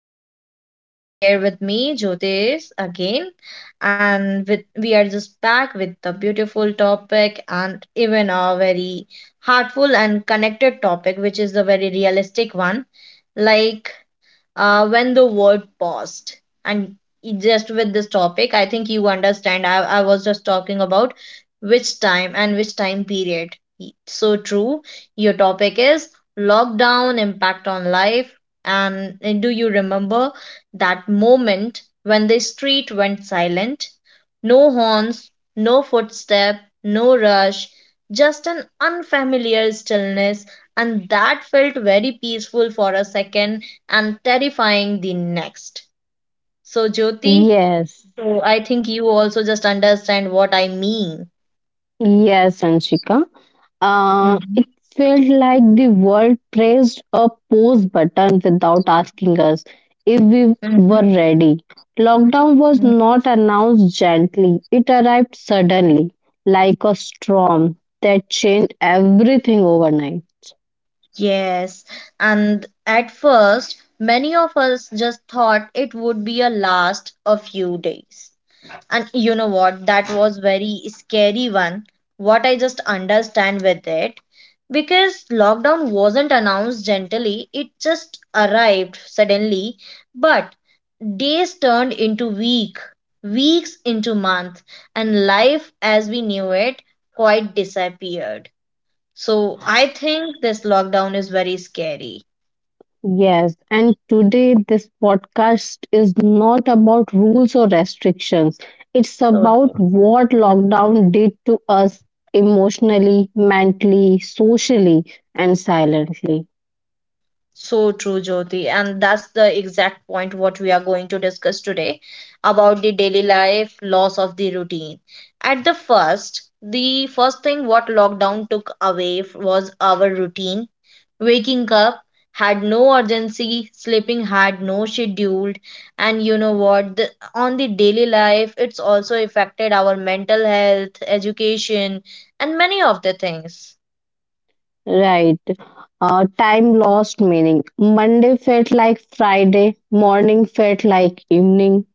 yes, here with me, Jyotish again. And with, we are just back with the beautiful topic and even a very heartful and connected topic, which is the very realistic one. Like when the world paused and just with this topic I think you understand I was just talking about which time and which time period. So true, your topic is lockdown impact on life. And do you remember that moment when the street went silent? No horns, no footstep, no rush, just an unfamiliar stillness. And that felt very peaceful for a second and terrifying the next. So, Jyoti, Yes, so I think you also just understand what I mean. yes, Anshika. Uh, Mm-hmm. it felt like the world pressed a pause button without asking us if we Mm-hmm. were ready. Lockdown was not announced gently, it arrived suddenly, like a storm that changed everything overnight. Yes, and at first, many of us just thought it would be a last a few days. And you know what? That was very scary one, what I just understand with it, because lockdown wasn't announced gently, it just arrived suddenly. But days turned into week, weeks into month, and life as we knew it quite disappeared. So I think this lockdown is very scary. Yes, and today this podcast is not about rules or restrictions. It's So about true. what Mm-hmm. lockdown did to us emotionally, mentally, socially, and silently. So true, Jyoti. And that's the exact point what we are going to discuss today about the daily life loss of the routine. At the first thing what lockdown took away was our routine. Waking up had no urgency, sleeping had no schedule, and you know what? The, on the daily life, it's also affected our mental health, education, and many of the things. Right. Time lost meaning. Monday felt like Friday, morning felt like evening.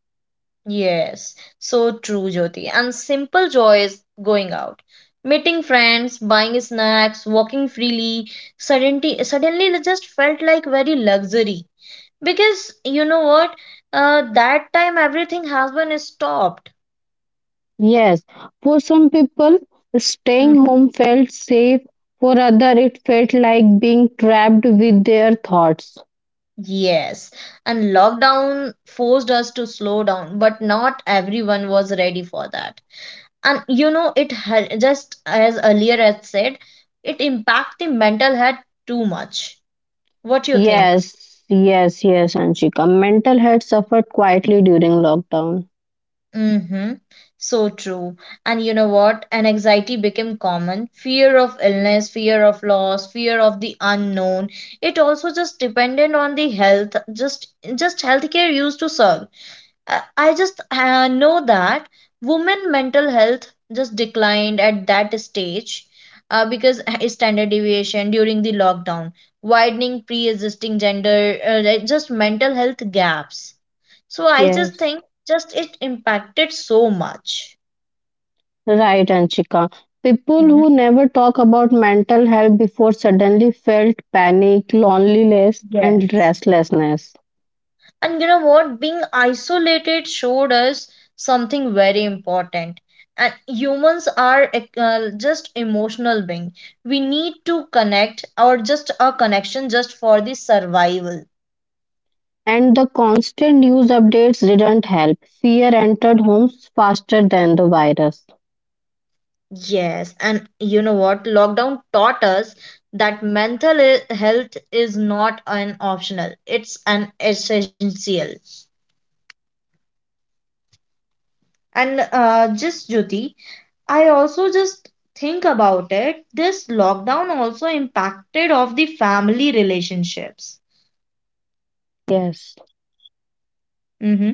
Yes, so true, Jyoti. And simple joys, going out, meeting friends, buying snacks, walking freely. Suddenly it just felt like very luxury, because you know what? That time everything has been stopped. Yes, for some people, staying Hmm. home felt safe. For other, it felt like being trapped with their thoughts. Yes, and lockdown forced us to slow down, but not everyone was ready for that. And you know, it just as earlier I said, it impact the mental health too much. What do you think? Yes, Anshika. Mental health suffered quietly during lockdown. Mm-hmm. So true. And you know what? An anxiety became common. Fear of illness, fear of loss, fear of the unknown. It also just depended on the health, just healthcare used to serve. I just know that women mental health just declined at that stage, because standard deviation during the lockdown, widening pre-existing gender, like just mental health gaps. So I just Yes, think just it impacted so much. right, Anshika. People Mhm. who never talk about mental health before suddenly felt panic, loneliness, Yeah. and restlessness. And you know what? Being isolated showed us something very important. And humans are just emotional being. We need to connect or just a connection just for the survival. And the constant news updates didn't help. Fear entered homes faster than the virus. Yes, and you know what? Lockdown taught us that mental health is not an optional, it's an essential. And just Jyoti, I also just think about it. This lockdown also impacted of the family relationships. Yes, Hmm.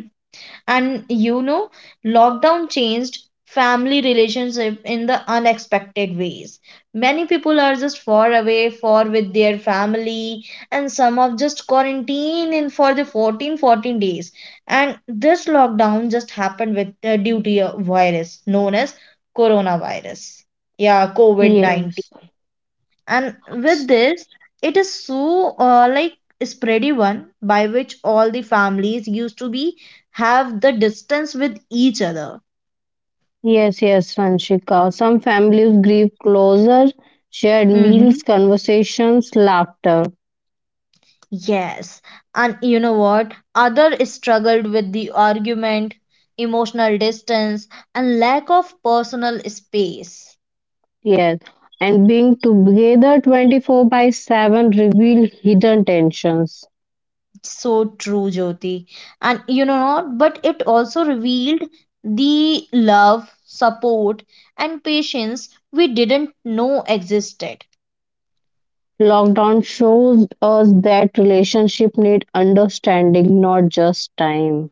And you know, lockdown changed family relationship in the unexpected ways. Many people are just far away for with their family and some of just quarantine in for the 14 14 days. And this lockdown just happened with due to a virus known as coronavirus. Yeah, COVID-19. yes. And with this, it is so like spready one, by which all the families used to be have the distance with each other. Yes, yes, Ranshika. Some families grieve closer, shared Hmm. meals, conversations, laughter. Yes. And you know what? Other struggled with the argument, emotional distance, and lack of personal space. Yes. And being together 24/7 reveal hidden tensions. So true, Jyoti. And you know what? But it also revealed the love, support, and patience we didn't know existed. Lockdown shows us that relationship need understanding, not just time.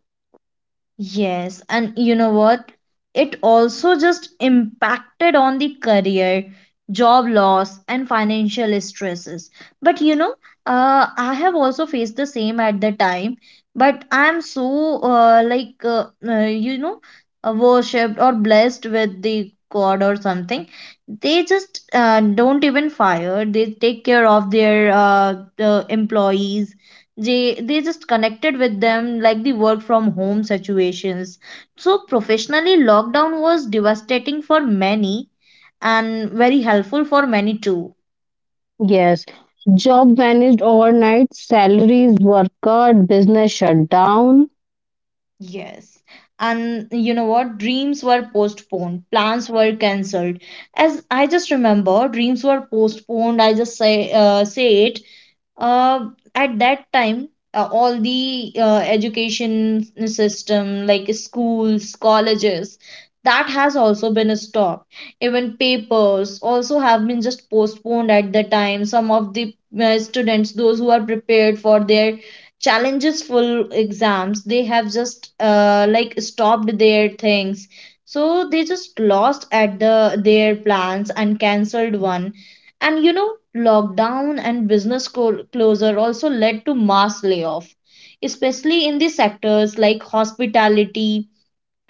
Yes, and you know what? It also just impacted on the career, job loss, and financial stresses. But you know, I have also faced the same at the time, but I'm so like you know, worshipped or blessed with the God or something. They just don't even fire. They take care of their the employees. They just connected with them like the work from home situations. So professionally lockdown was devastating for many and very helpful for many too. Yes. Job vanished overnight, salaries were cut, business shut down. Yes, and you know what? Dreams were postponed, plans were cancelled. As I just remember, dreams were postponed, I just say say it. uh, at that time, all the education system, like schools, colleges, that has also been stopped. Even papers also have been just postponed at the time. Some of the students those who are prepared for their challenges full exams, they have just like stopped their things. So they just lost at the their plans and cancelled one. And you know, lockdown and business closure also led to mass layoff, especially in the sectors like hospitality,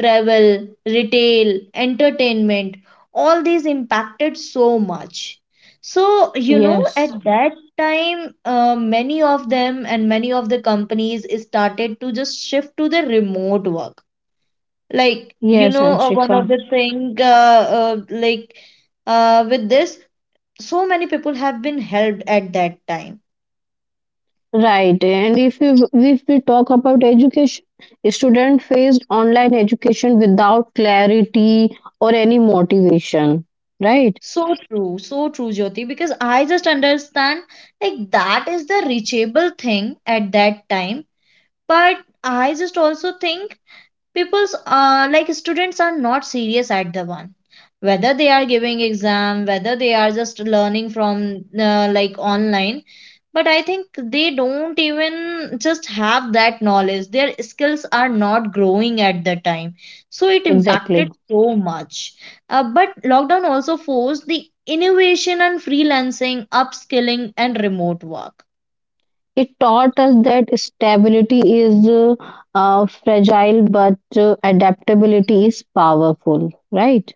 travel, retail, entertainment. All these impacted so much. So, you know, Yes. at that time, many of them and many of the companies started to just shift to the remote work. Like, you Yes, know, one of Anshika. the thing, like, with this so many people have been helped at that time. Right, and if we talk about education, students faced online education without clarity or any motivation. Right, So true, Jyoti, because I just understand like that is the reachable thing at that time. But I just also think people's like students are not serious at the one. Whether they are giving exam, whether they are just learning from like online, but I think they don't even just have that knowledge, their skills are not growing at the time. So it impacted exactly. so much. But lockdown also forced the innovation and freelancing, upskilling, and remote work. It taught us that stability is fragile, but adaptability is powerful. Right,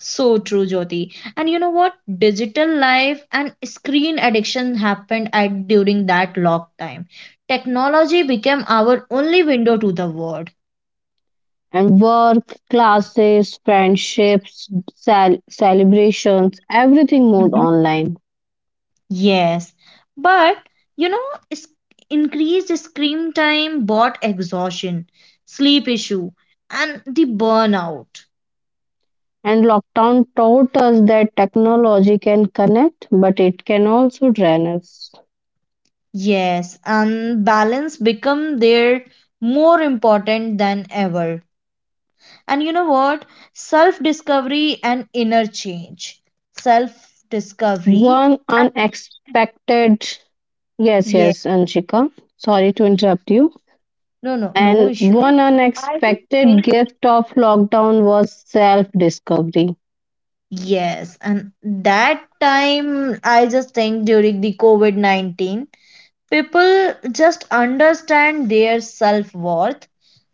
So true, Jyoti. And you know what? Digital life and screen addiction happened at during that lock time. Technology became our only window to the world. and work, classes, friendships, celebrations, everything moved online. Yes, but you know, is- increased screen time brought exhaustion, sleep issue, and the burnout. And lockdown taught us that technology can connect, but it can also drain us. Yes, and balance become there more important than ever. And you know what? Self discovery and inner change. Self discovery One and unexpected, yes, yeah, yes, Anshika, sorry to interrupt you. no, no, no And issue. one I just think. unexpected gift of lockdown was self discovery. Yes, and that time I just think during the COVID 19, people just understand their self worth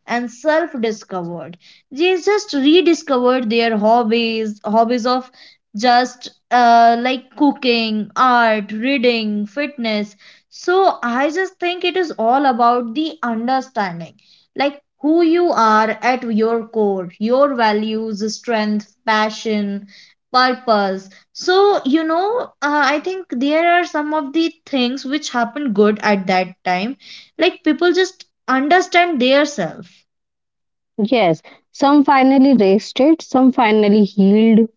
and self-discovered. They just rediscovered their hobbies, hobbies of just like cooking, art, reading, fitness. So I just think it is all about the understanding, like who you are at your core, your values, strength, passion, purpose. So, you know, I think there are some of the things which happen good at that time. Like people just understand their self. Yes, some finally rested, some finally healed.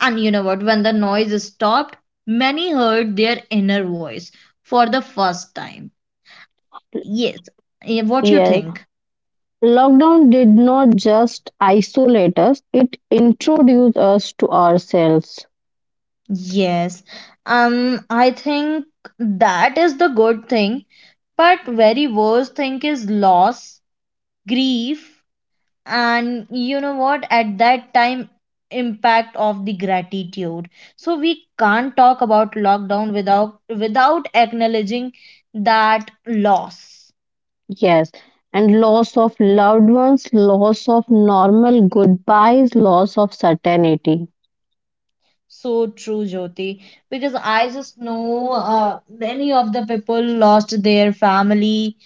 And you know what? When the noise stopped, many heard their inner voice for the first time. Yes. Eh, what you Yes, think? lockdown did not just isolate us, it introduced us to ourselves. Yes. I think that is the good thing. But very worst thing is loss, grief, and you know what? At that time, impact of the gratitude. So we can't talk about lockdown without acknowledging that loss. Yes, and loss of loved ones, loss of normal goodbyes, loss of certainty. So true, Jyoti. Because I just know many of the people lost their family,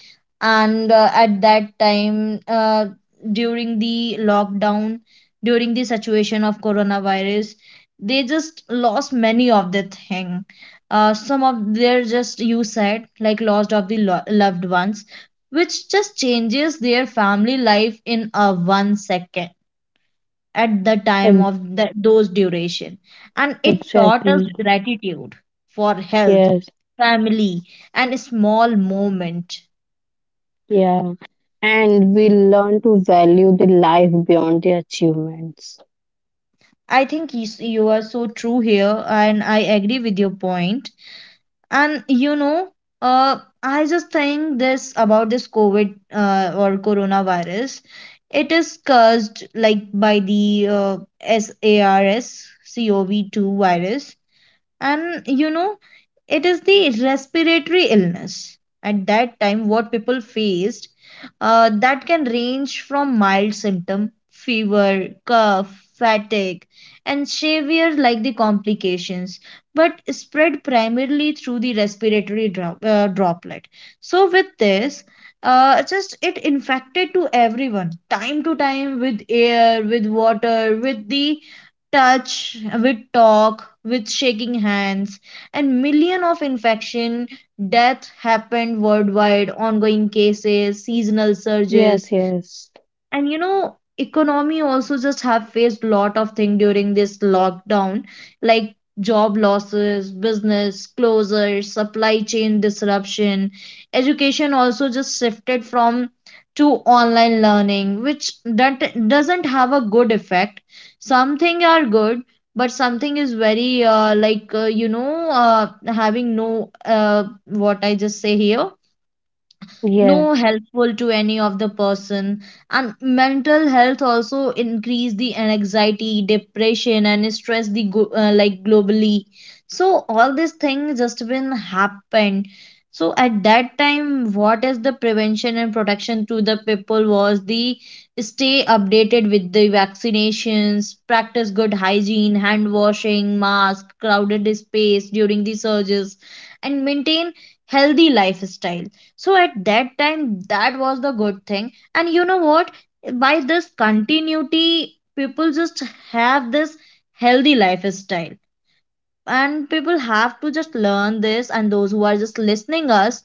and at that time, during the lockdown, during the situation of coronavirus, they just lost many of the thing. Some of their just you said like lost of the lo loved ones, which just changes their family life in a one second at the time Ex- of the, those duration. And it taught us Exactly. gratitude for health, Yes. family, and a small moment. Yeah. And we learn to value the life beyond the achievements. I think you, you are so true here and I agree with your point. And you know, I just think this about this COVID or coronavirus, it is caused like by the SARS CoV2 virus. And you know, it is the respiratory illness. At that time what people faced, that can range from mild symptom, fever, cough, fatigue, and severe like the complications. But spread primarily through the respiratory droplet. So with this, just it infected to everyone time to time, with air, with water, with the touch, with talk, with shaking hands, and million of infection, death happened worldwide, ongoing cases, seasonal surges. Yes. Yes. And you know, economy also just have faced lot of thing during this lockdown, like job losses, business closures, supply chain disruption. Education also just shifted from to online learning, which that doesn't have a good effect. Something are good, but something is very like you know, uh, having no uh, what I just say here, Yeah. no helpful to any of the person. And mental health also increase the anxiety, depression, and stress the like globally. So all these things just been happened. So at that time what is the prevention and protection to the people was the stay updated with the vaccinations, practice good hygiene, hand washing, mask, crowded space during the surges, and maintain healthy lifestyle. So at that time, that was the good thing. And you know what? By this continuity, people just have this healthy lifestyle and people have to just learn this, and those who are just listening us,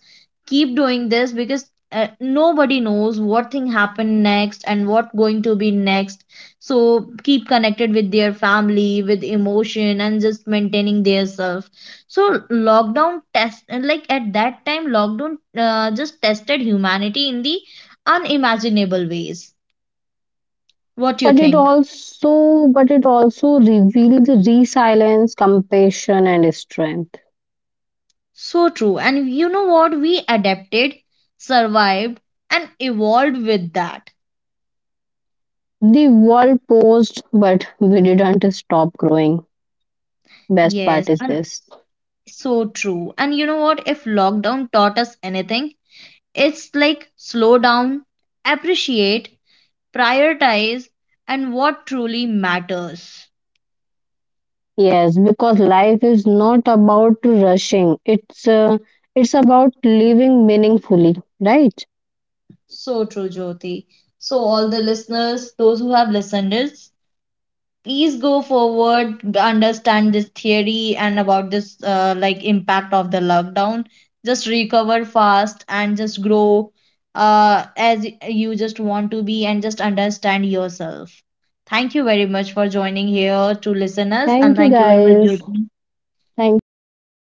keep doing this, because nobody knows what thing happened next and what going to be next. So keep connected with their family with emotion and just maintaining their self. So lockdown test and like at that time lockdown just tested humanity in the unimaginable ways. What you But it think? also but it also reveals resilience, compassion and strength. So true. And you know what? We adapted, survived, and evolved with that. The world paused, but we didn't stop growing. Best Yes, part is and this. so true. And you know what? If lockdown taught us anything, it's like slow down, appreciate, prioritize, and what truly matters. Yes, because life is not about rushing. It's about living meaningfully, right? So true, Jyoti. So, all the listeners, those who have listened, is. Please go forward, understand this theory and about this like impact of the lockdown. Just recover fast and just grow as you just want to be, and just understand yourself. Thank you very much for joining here to listen us, and Thank you thank you very much, guys. Jyoti. Thank you, Anshika.